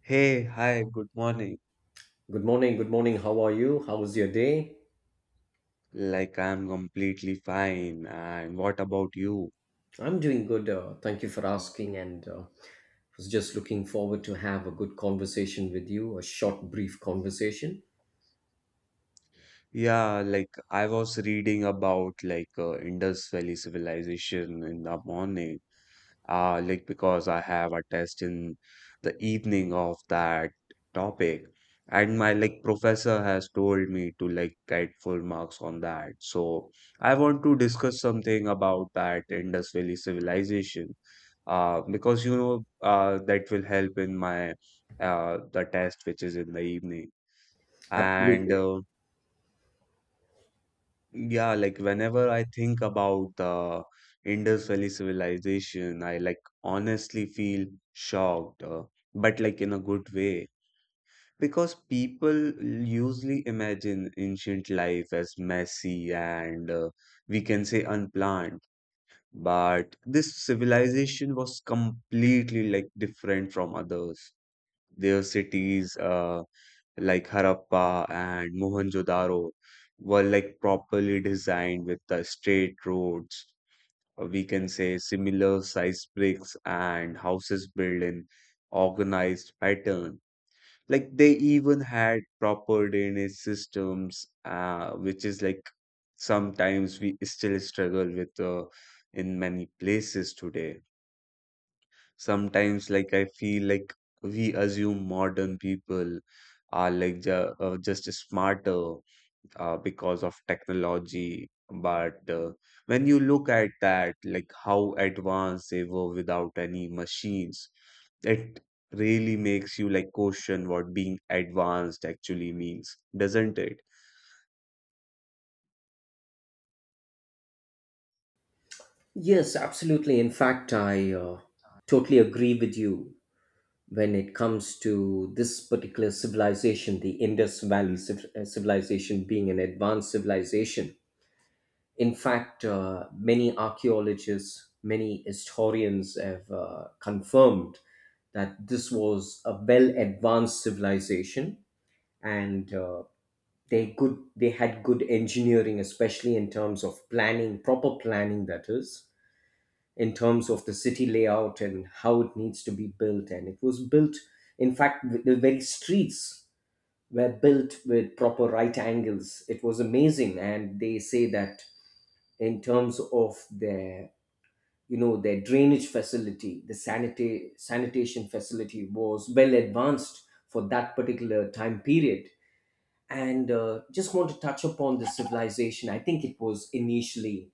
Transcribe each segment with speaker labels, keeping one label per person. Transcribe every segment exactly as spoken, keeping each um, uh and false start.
Speaker 1: Hey, hi, good morning.
Speaker 2: Good morning. Good morning. How are you? How was your day?
Speaker 1: Like, I'm completely fine. And what about you?
Speaker 2: I'm doing good. Uh, thank you for asking. And uh, Was just looking forward to have a good conversation with you. A short, brief conversation.
Speaker 1: Yeah, like, I was reading about like uh, Indus Valley civilization in the morning. Uh, like, because I have a test in the evening of that topic, and my like professor has told me to like get full marks on that. So I want to discuss something about that Indus Valley civilization, uh, because you know uh, that will help in my uh, the test which is in the evening and.
Speaker 2: Absolutely.
Speaker 1: Uh, yeah, like, whenever I think about the Indus Valley civilization, I like honestly feel shocked, uh, but like in a good way. Because people usually imagine ancient life as messy and, uh, we can say, unplanned, but this civilization was completely like different from others. Their cities, uh, like Harappa and Mohenjo-daro, were like properly designed with the straight roads. uh, We can say similar size bricks and houses built in organized pattern. Like, they even had proper drainage systems, uh, which is like sometimes we still struggle with uh, in many places today. Sometimes, like, I feel like we assume modern people are like ju- uh, just smarter uh, because of technology. But uh, when you look at that, like how advanced they were without any machines, it really makes you like question what being advanced actually means, doesn't it?
Speaker 2: Yes, absolutely. In fact, I uh, totally agree with you when it comes to this particular civilization, the Indus Valley civ- uh, civilization, being an advanced civilization. In fact, uh, many archaeologists, many historians have uh, confirmed that this was a well advanced civilization and uh, they good they had good engineering, especially in terms of planning, proper planning, that is, in terms of the city layout and how it needs to be built, and it was built. In fact, the the very streets were built with proper right angles. It was amazing. And they say that in terms of their, you know, their drainage facility, the sanita- sanitation facility was well advanced for that particular time period. And uh, just want to touch upon the civilization. I think it was initially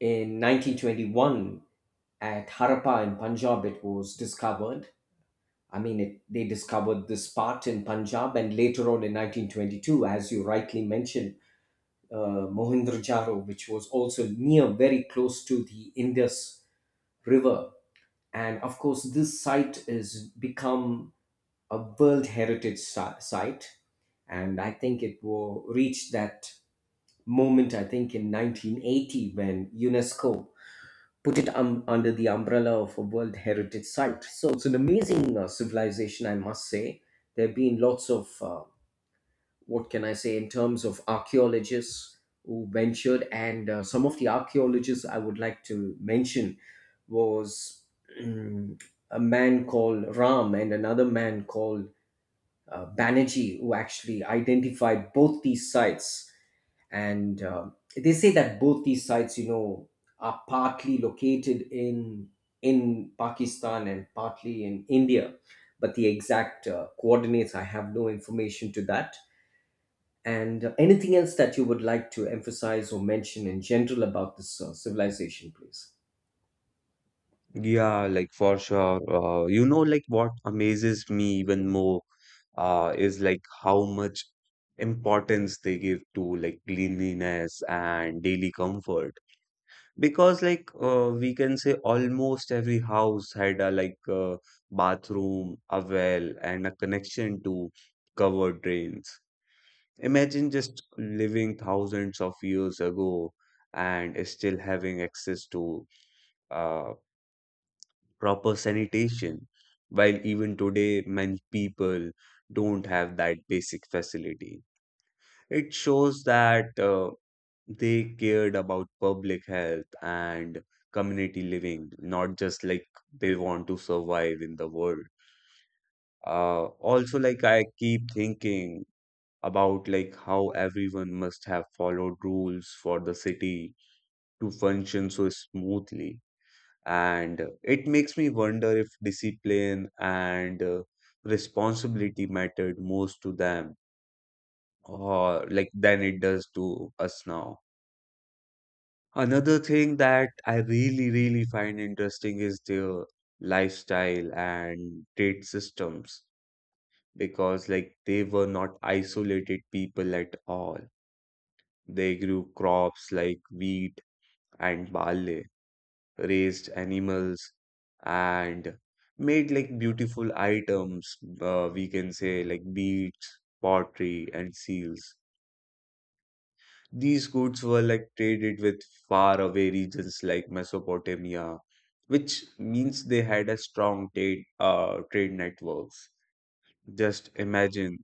Speaker 2: in nineteen twenty-one at Harappa in Punjab it was discovered. I mean it, they discovered this part in Punjab, and later on in nineteen twenty-two, as you rightly mentioned, uh, Mohenjo-daro, which was also near, very close to the Indus River. And of course this site is become a world heritage si- site. And I think it will reach that moment, I think in nineteen eighty, when UNESCO put it um, under the umbrella of a world heritage site. So it's an amazing uh, civilization, I must say. There have been lots of uh, what can I say, in terms of archaeologists who ventured. And uh, some of the archaeologists I would like to mention was mm, a man called Ram, and another man called uh, Banerjee, who actually identified both these sites. And uh, they say that both these sites, you know, are partly located in in Pakistan and partly in India, but the exact uh, coordinates I have no information to that. And anything else that you would like to emphasize or mention in general about this uh, civilization, please?
Speaker 1: Yeah, like, for sure. Uh, you know, like, what amazes me even more uh, is like how much importance they give to like cleanliness and daily comfort. Because like, uh, we can say almost every house had a like a bathroom, a well, and a connection to covered drains. Imagine just living thousands of years ago and still having access to uh, proper sanitation, while even today many people don't have that basic facility. It shows that uh, they cared about public health and community living, not just like they want to survive in the world. Uh, Also, like, I keep thinking about like how everyone must have followed rules for the city to function so smoothly, and it makes me wonder if discipline and uh, responsibility mattered most to them, or like than it does to us now. Another thing that I really, really find interesting is their lifestyle and trade systems, because like they were not isolated people at all. They grew crops like wheat and barley, raised animals, and made like beautiful items. Uh, we can say like beads, pottery, and seals. These goods were like traded with far away regions like Mesopotamia, which means they had a strong trade uh, trade networks. Just imagine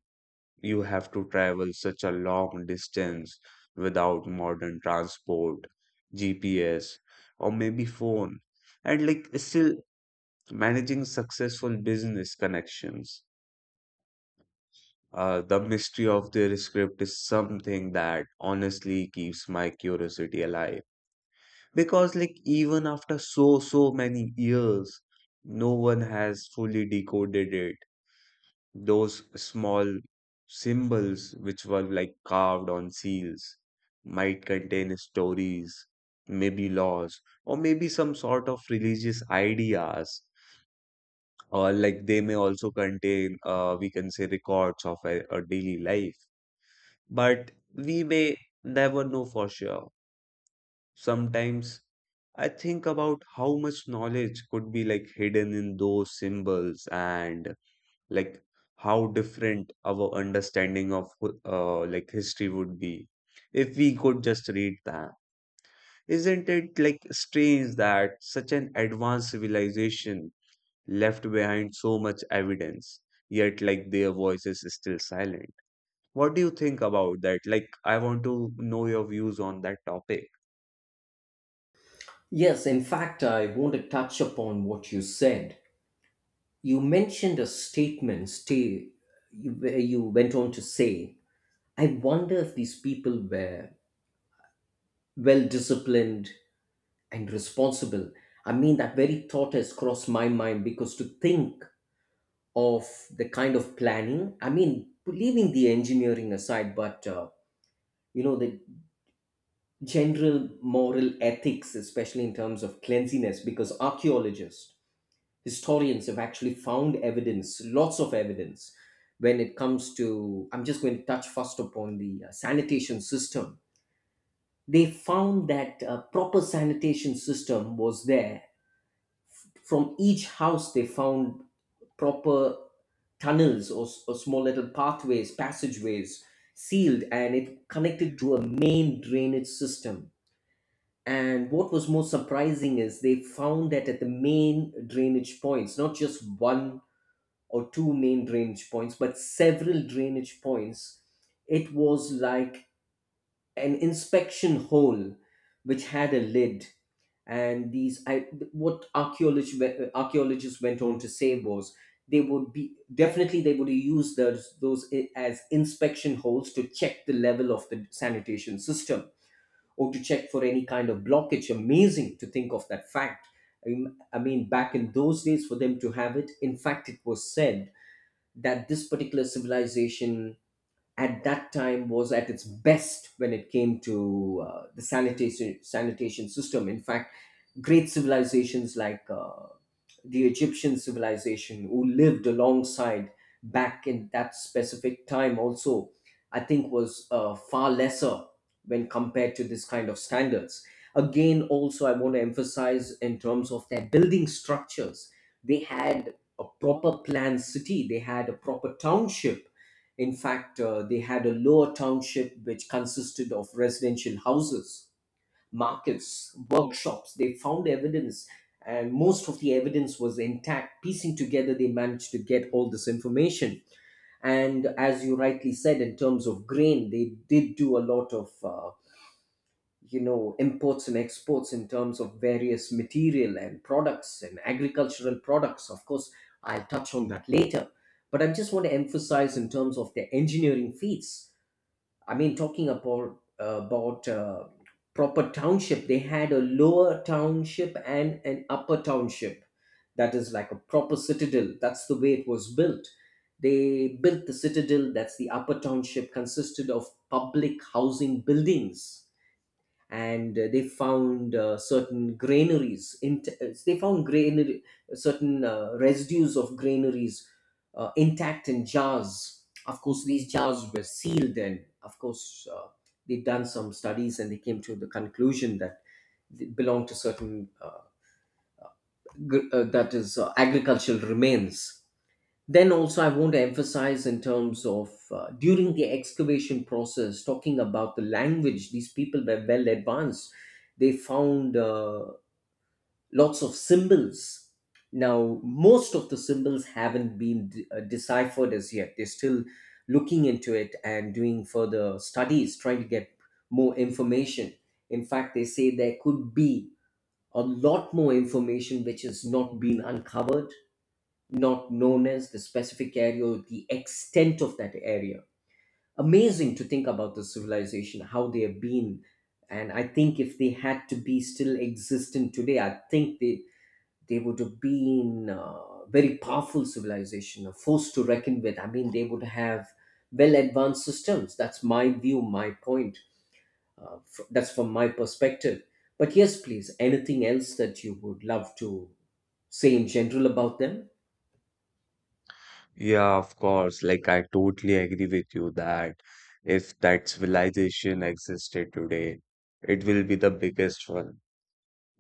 Speaker 1: you have to travel such a long distance without modern transport, G P S, or maybe phone, and like still managing successful business connections. Uh, the mystery of their script is something that honestly keeps my curiosity alive. Because, like, even after so, so many years, no one has fully decoded it. Those small symbols, which were like carved on seals, might contain stories, maybe laws, or maybe some sort of religious ideas, or like they may also contain, uh, we can say, records of a, a daily life, but we may never know for sure. Sometimes I think about how much knowledge could be like hidden in those symbols, and like how different our understanding of wh- uh, like history would be if we could just read them. Isn't it like strange that such an advanced civilization left behind so much evidence, yet like their voice is still silent? What do you think about that? Like, I want to know your views on that topic.
Speaker 2: Yes, in fact, I want to touch upon what you said. You mentioned a statement stay, you, where you went on to say, I wonder if these people were well disciplined and responsible. I mean, that very thought has crossed my mind, because to think of the kind of planning, I mean, leaving the engineering aside, but uh, you know, the general moral ethics, especially in terms of cleanliness, because archaeologists, historians have actually found evidence, lots of evidence, when it comes to. I'm just going to touch first upon the uh, sanitation system. They found that a proper sanitation system was there. From each house, they found proper tunnels or, s- or small little pathways, passageways sealed, and it connected to a main drainage system. And what was most surprising is they found that at the main drainage points, not just one or two main drainage points, but several drainage points, it was like an inspection hole which had a lid. And these, I, what archaeologists archaeologists went on to say was they would be definitely they would use those those as inspection holes to check the level of the sanitation system or to check for any kind of blockage. Amazing to think of that fact. I mean, I mean, back in those days, for them to have it, in fact, it was said that this particular civilization at that time was at its best when it came to uh, the sanitation sanitation system. In fact, great civilizations like uh, the Egyptian civilization who lived alongside back in that specific time also, I think was uh, far lesser when compared to this kind of standards. Again, also, I want to emphasize in terms of their building structures, they had a proper planned city, they had a proper township. In fact, uh, they had a lower township which consisted of residential houses, markets, workshops. They found evidence, and most of the evidence was intact. Piecing together, they managed to get all this information. And as you rightly said, in terms of grain, they did do a lot of, uh, you know, imports and exports in terms of various material and products and agricultural products. Of course, I'll touch on that later. But I just want to emphasize in terms of their engineering feats. I mean, talking about about uh, proper township, they had a lower township and an upper township. That is like a proper citadel. That's the way it was built. They built the citadel. That's the upper township. Consisted of public housing buildings. And uh, they found uh, certain granaries int- uh, they found granary certain uh, residues of granaries, uh, intact in jars. Of course these jars were sealed, and of course uh, they've done some studies and they came to the conclusion that they belong to certain uh, gr- uh, that is, uh, agricultural remains. Then also, I want to emphasize in terms of uh, during the excavation process, talking about the language, these people were well advanced. They found uh, lots of symbols. Now, most of the symbols haven't been de- uh, deciphered as yet. They're still looking into it and doing further studies, trying to get more information. In fact, they say there could be a lot more information which has not been uncovered, not known as the specific area or the extent of that area. Amazing to think about the civilization, how they have been. And I think if they had to be still existent today, I think they, they would have been a very powerful civilization, a force to reckon with. I mean, they would have well advanced systems. That's my view, my point. Uh, fr- that's from my perspective. But yes, please, anything else that you would love to say in general about them?
Speaker 1: Yeah, of course. Like, I totally agree with you that if that civilization existed today, it will be the biggest one.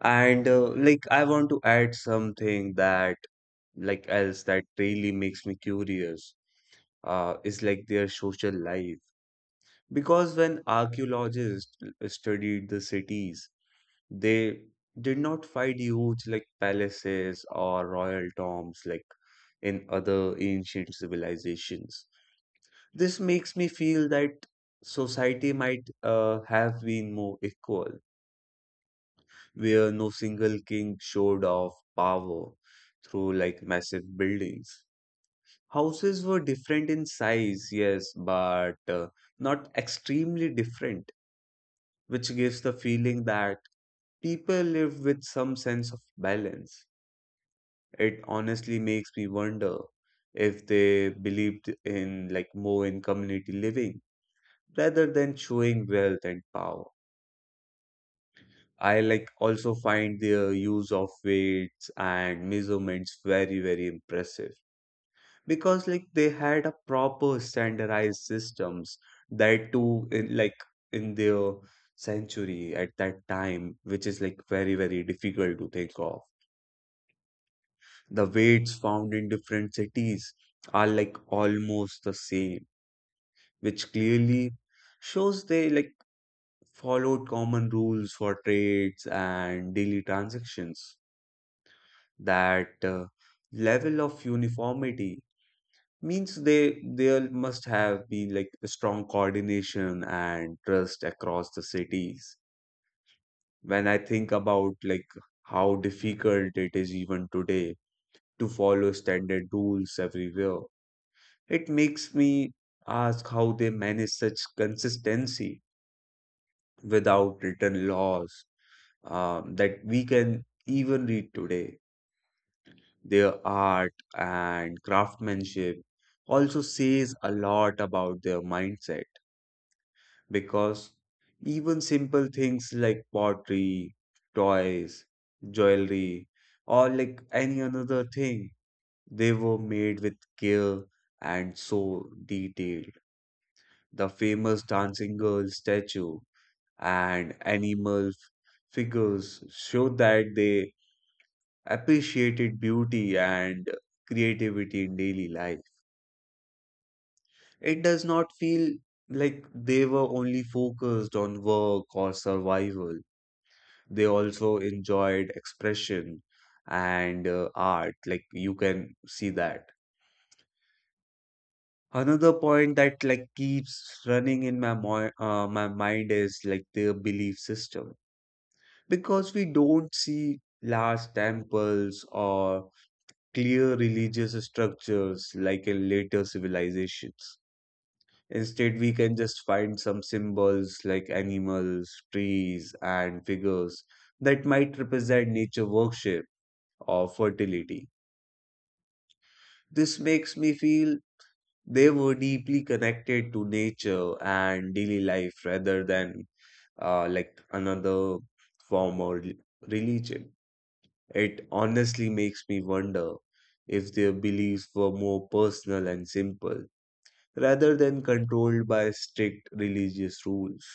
Speaker 1: And uh, like, I want to add something that like else that really makes me curious. uh, is like, their social life. Because when archaeologists studied the cities, they did not find huge like palaces or royal tombs like in other ancient civilizations. This makes me feel that society might, uh, have been more equal, where no single king showed off power through like massive buildings. Houses were different in size, yes, but uh, not extremely different, which gives the feeling that people live with some sense of balance. It honestly makes me wonder if they believed in like more in community living rather than showing wealth and power. I like also find their use of weights and measurements very, very impressive. Because like they had a proper standardized systems, that too in like in their century at that time, which is like very, very difficult to think of. The weights found in different cities are like almost the same, which clearly shows they like followed common rules for trades and daily transactions. That uh, level of uniformity means they there must have been like a strong coordination and trust across the cities. When I think about like how difficult it is even today to follow standard rules everywhere, it makes me ask how they manage such consistency without written laws, um, that we can even read today. Their art and craftsmanship also says a lot about their mindset, because even simple things like pottery, toys, jewelry, or like any another thing, they were made with care and so detailed. The famous dancing girl statue and animal figures show that they appreciated beauty and creativity in daily life. It does not feel like they were only focused on work or survival. They also enjoyed expression and, uh, art. Like, you can see that. Another point that like keeps running in my moi- uh, my mind is like their belief system. Because we don't see large temples or clear religious structures like in later civilizations. Instead, we can just find some symbols like animals, trees, and figures that might represent nature worship or fertility. This makes me feel they were deeply connected to nature and daily life rather than uh, like another form or rel- religion. It honestly makes me wonder if their beliefs were more personal and simple rather than controlled by strict religious rules.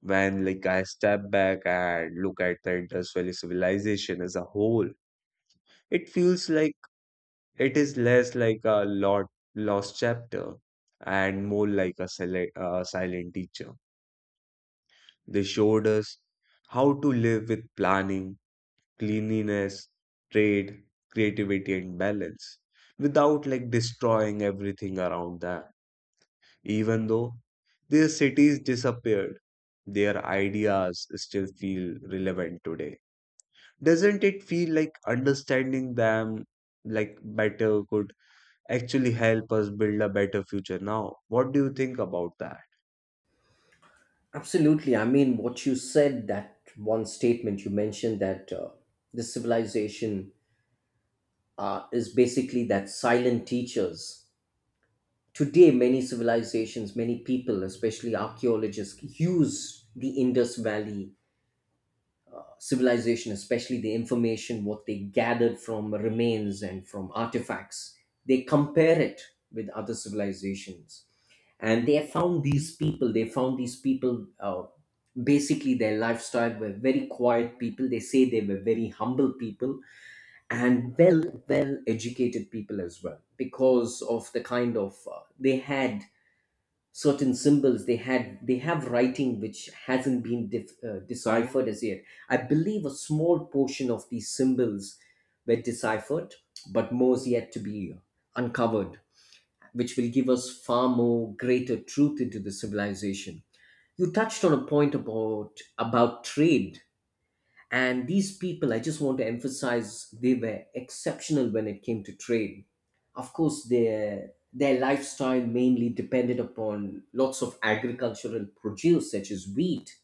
Speaker 1: When like I step back and look at the Indus Valley civilization as a whole, it feels like it is less like a lot lost chapter and more like a sele- uh, silent teacher. They showed us how to live with planning, cleanliness, trade, creativity, and balance without like destroying everything around them. Even though their cities disappeared, their ideas still feel relevant today. Doesn't it feel like understanding them like better could actually help us build a better future? Now, what do you think about that?
Speaker 2: Absolutely. I mean, what you said, that one statement you mentioned that uh, the civilization uh, is basically that silent teachers. Today, many civilizations, many people, especially archaeologists, use the Indus Valley uh, civilization, especially the information what they gathered from remains and from artifacts. They compare it with other civilizations, and they found these people they found these people uh, basically their lifestyle were very quiet people. They say they were very humble people and well well educated people as well, because of the kind of uh, they had certain symbols. They had they have writing which hasn't been dif- uh, deciphered as yet. I believe a small portion of these symbols were deciphered, but more is yet to be uncovered, which will give us far more greater truth into the civilization. You touched on a point about about trade, and these people, I just want to emphasize, they were exceptional when it came to trade. Of course, their their lifestyle mainly depended upon lots of agricultural produce such as wheat,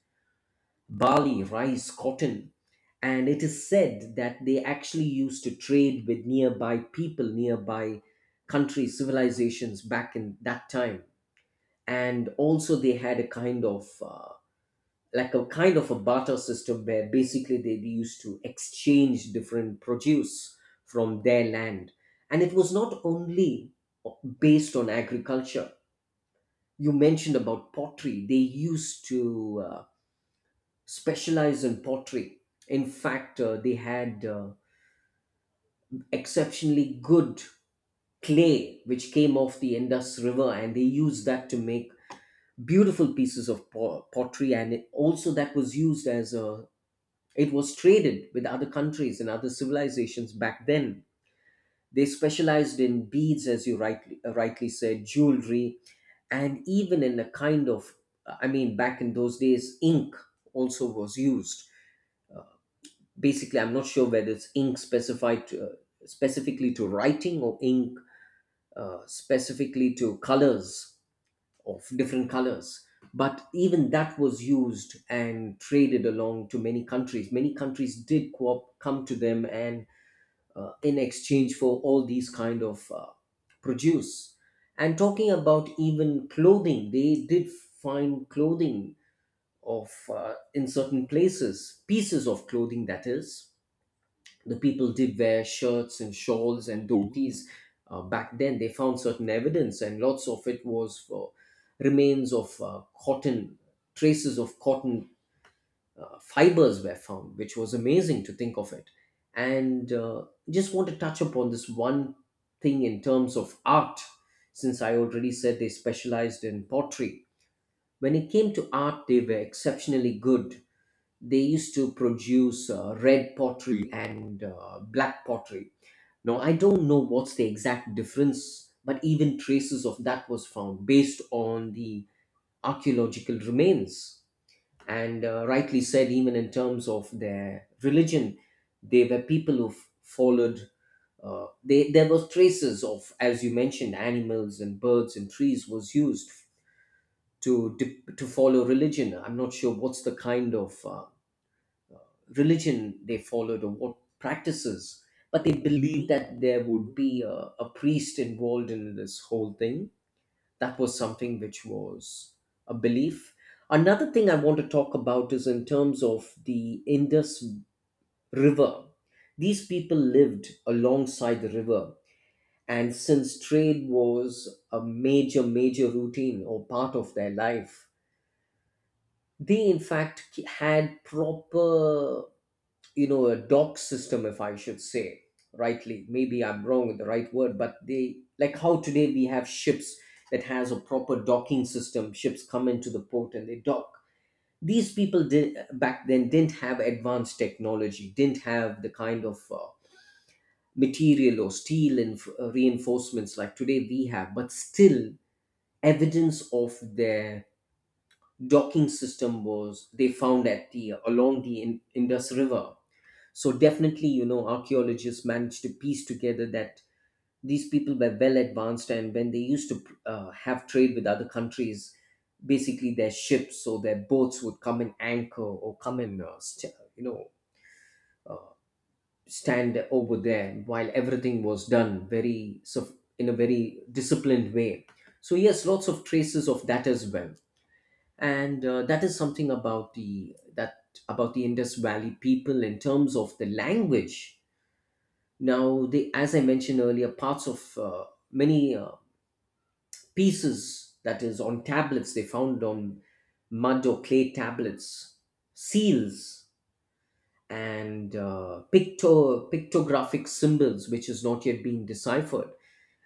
Speaker 2: barley, rice, cotton, and it is said that they actually used to trade with nearby people, nearby countries, civilizations back in that time. And also they had a kind of uh, like a kind of a barter system where basically they used to exchange different produce from their land. And it was not only based on agriculture. You mentioned about pottery. They used to uh, specialize in pottery. In fact, uh, they had uh, exceptionally good clay which came off the Indus River, and they used that to make beautiful pieces of po- pottery. And it also that was used as a, it was traded with other countries and other civilizations back then. They specialized in beads, as you rightly uh, rightly said, jewelry, and even in a kind of, I mean, back in those days ink also was used. Basically I'm not sure whether it's ink specified to, uh, specifically to writing, or ink uh, specifically to colors, of different colors. But even that was used and traded along to many countries. Many countries did co- come to them, and uh, in exchange for all these kind of uh, produce. And talking about even clothing, they did find clothing of uh, in certain places, pieces of clothing, that is, the people did wear shirts and shawls and dhotis uh, back then. They found certain evidence, and lots of it was for remains of uh, cotton, traces of cotton uh, fibers were found, which was amazing to think of it. And uh, just want to touch upon this one thing in terms of art. Since I already said they specialized in pottery, when it came to art they were exceptionally good. They used to produce uh, red pottery and uh, black pottery. Now, I don't know what's the exact difference, but even traces of that was found based on the archaeological remains. And uh, rightly said, even in terms of their religion, they were people who followed. Uh, they, there was traces of, as you mentioned, animals and birds and trees was used to dip, to follow religion. I'm not sure what's the kind of uh, religion they followed or what practices, but they believed that there would be a, a priest involved in this whole thing. That was something which was a belief. Another thing I want to talk about is in terms of the Indus River. These people lived alongside the river, and since trade was a major, major routine or part of their life, they in fact had proper, you know, a doc system if I should say rightly, maybe I'm wrong with the right word, but they, like how today we have ships that has a proper docking system, ships come into the port and they dock. These people did back then didn't have advanced technology, didn't have the kind of uh, material or steel and uh, reinforcements like today we have, but still evidence of their docking system was they found at the along the in, Indus River. So definitely, you know, archaeologists managed to piece together that these people were well advanced, and when they used to uh, have trade with other countries, basically their ships or their boats would come and anchor or come and uh, st- you know, uh, stand over there while everything was done very so in a very disciplined way. So yes, lots of traces of that as well, and uh, that is something about the that about the Indus Valley people in terms of the language. Now, the, as I mentioned earlier, parts of uh, many uh, pieces that is on tablets they found on mud or clay tablets, seals, and uh, picto- pictographic symbols, which is not yet being deciphered,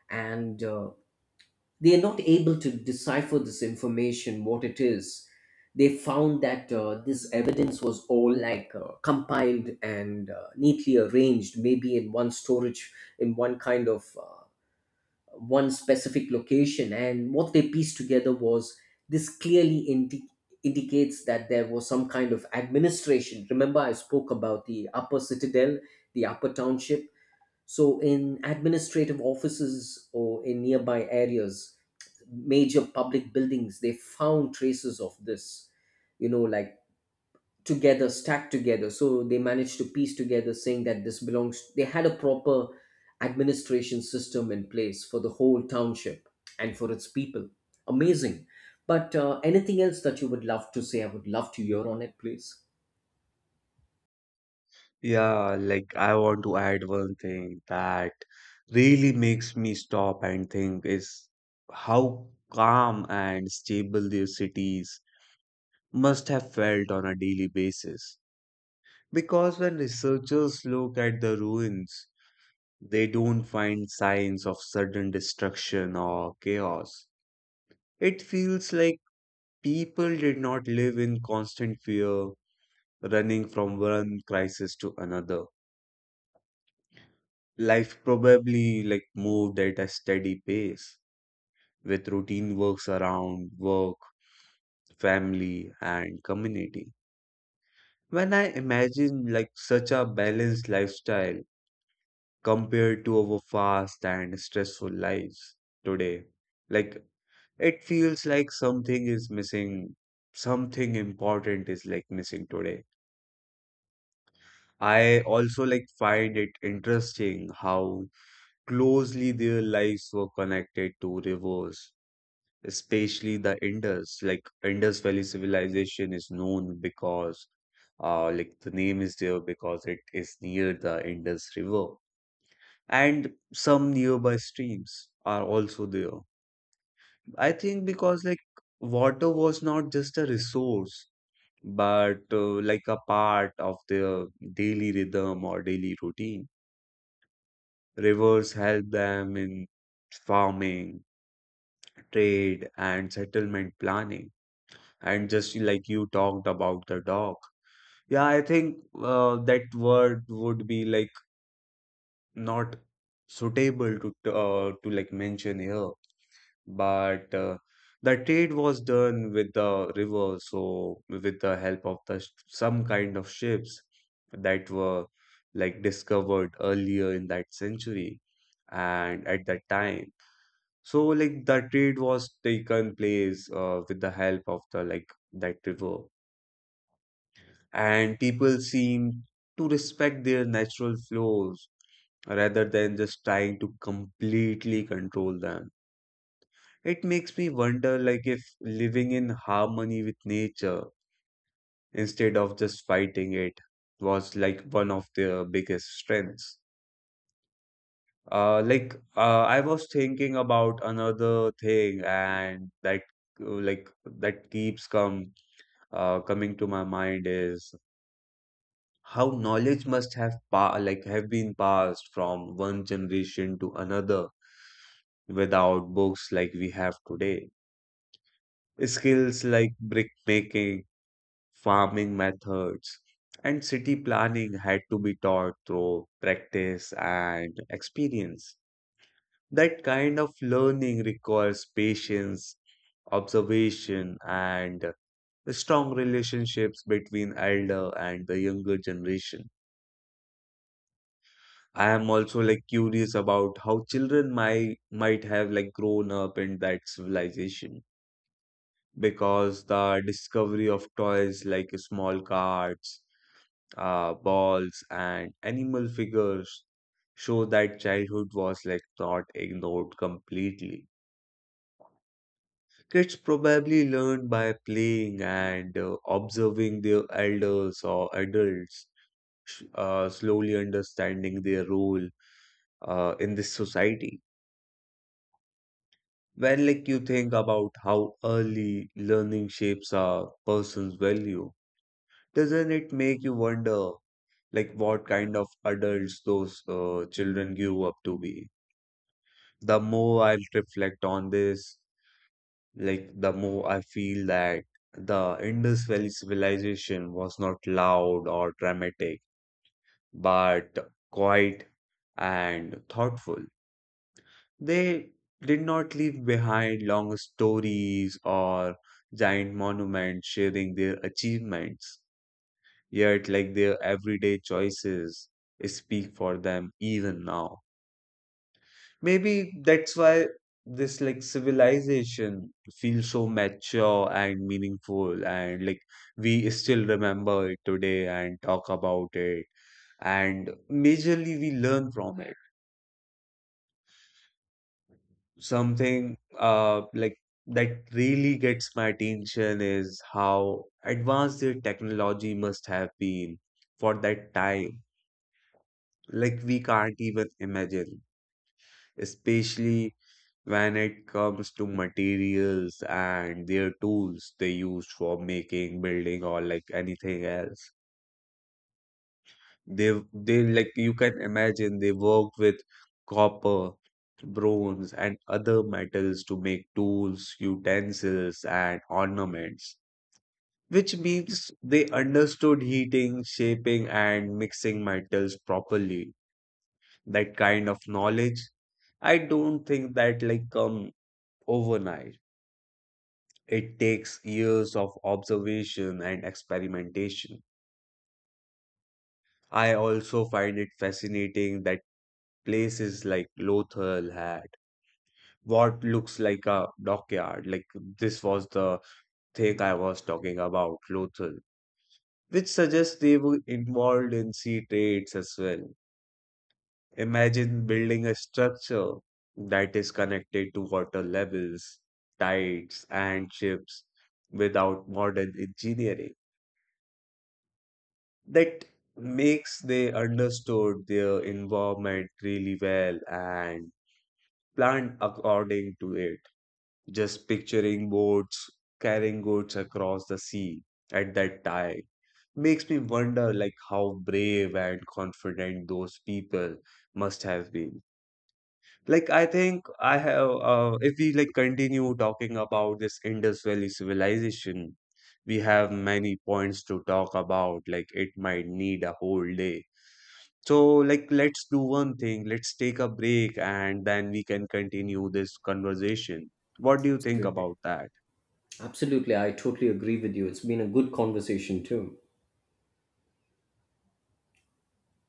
Speaker 2: and uh, they are not able to decipher this information, what it is. They found that uh, this evidence was all like uh, compiled and uh, neatly arranged, maybe in one storage, in one kind of uh, one specific location. And what they pieced together was this clearly indi- indicates that there was some kind of administration. Remember I spoke about the upper citadel, the upper township. So in administrative offices or in nearby areas, major public buildings, they found traces of this, you know, like together, stacked together. So they managed to piece together saying that this belongs, they had a proper administration system in place for the whole township and for its people. Amazing. But uh, anything else that you would love to say, I would love to hear on it, please.
Speaker 1: Yeah, like, I want to add one thing that really makes me stop and think is how calm and stable these cities must have felt on a daily basis. Because when researchers look at the ruins, they don't find signs of sudden destruction or chaos. It feels like people did not live in constant fear running from one crisis to another. Life probably like moved at a steady pace with routine works around work, family, and community. When I imagine like such a balanced lifestyle compared to our fast and stressful lives today, like, it feels like something is missing, something important is like missing today. I also like find it interesting how closely their lives were connected to rivers, especially the Indus. Like, Indus Valley civilization is known because, uh, like, the name is there because it is near the Indus River. And some nearby streams are also there. I think because like water was not just a resource, but uh, like a part of their daily rhythm or daily routine. Rivers help them in farming, trade, and settlement planning. And just like you talked about the dog, yeah, I think uh, that word would be like not suitable to uh, to like mention here. But uh, the trade was done with the river, so with the help of the sh- some kind of ships that were like discovered earlier in that century and at that time. So like the trade was taken place uh, with the help of the like that river, and people seem to respect their natural flows rather than just trying to completely control them. It makes me wonder like if living in harmony with nature instead of just fighting it was like one of their biggest strengths. Uh, like, uh, I was thinking about another thing, and that, uh, like, that keeps come uh, coming to my mind is how knowledge must have pa like have been passed from one generation to another without books like we have today. Skills like brick making, farming methods, and city planning had to be taught through practice and experience. That kind of learning requires patience, observation, and strong relationships between elder and the younger generation. I am also like curious about how children might might have like grown up in that civilization, because the discovery of toys like small cards, uh, balls, and animal figures show that childhood was like not ignored completely. Kids probably learn by playing and uh, observing their elders or adults, sh- uh, slowly understanding their role uh, in this society. When like you think about how early learning shapes a person's value, doesn't it make you wonder like what kind of adults those uh, children grew up to be? The more I reflect on this, like, the more I feel that the Indus Valley civilization was not loud or dramatic, but quiet and thoughtful. They did not leave behind long stories or giant monuments sharing their achievements, yet like their everyday choices speak for them even now. Maybe that's why this like civilization feels so mature and meaningful, and like we still remember it today and talk about it, and majorly we learn from it. Something uh like that really gets my attention is how advanced their technology must have been for that time. Like, we can't even imagine, especially when it comes to materials and their tools they used for making, building, or like anything else. They they like, you can imagine they worked with copper, bronze, and other metals to make tools, utensils, and ornaments. Which means they understood heating, shaping, and mixing metals properly. That kind of knowledge, I don't think that like come overnight. It takes years of observation and experimentation. I also find it fascinating that places like Lothal had what looks like a dockyard. Like, this was the thing I was talking about, Lothal, which suggests they were involved in sea trades as well. Imagine building a structure that is connected to water levels, tides, and ships without modern engineering. That makes they understood their environment really well and planned according to it. Just picturing boats carrying goods across the sea at that time makes me wonder like how brave and confident those people must have been. Like, I think I have, uh, if we like continue talking about this Indus Valley civilization, we have many points to talk about. Like, it might need a whole day, so, like, let's do one thing. Let's take a break and then we can continue this conversation. What do you think
Speaker 2: Absolutely.
Speaker 1: about that?
Speaker 2: Absolutely, I totally agree with you. It's been a good conversation too.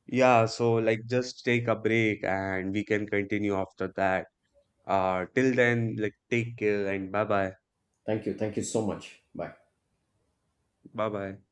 Speaker 1: Yeah, so like just take a break and we can continue after that. Uh, till then, like, take care and bye bye.
Speaker 2: Thank you. Thank you so much. Bye.
Speaker 1: Bye bye.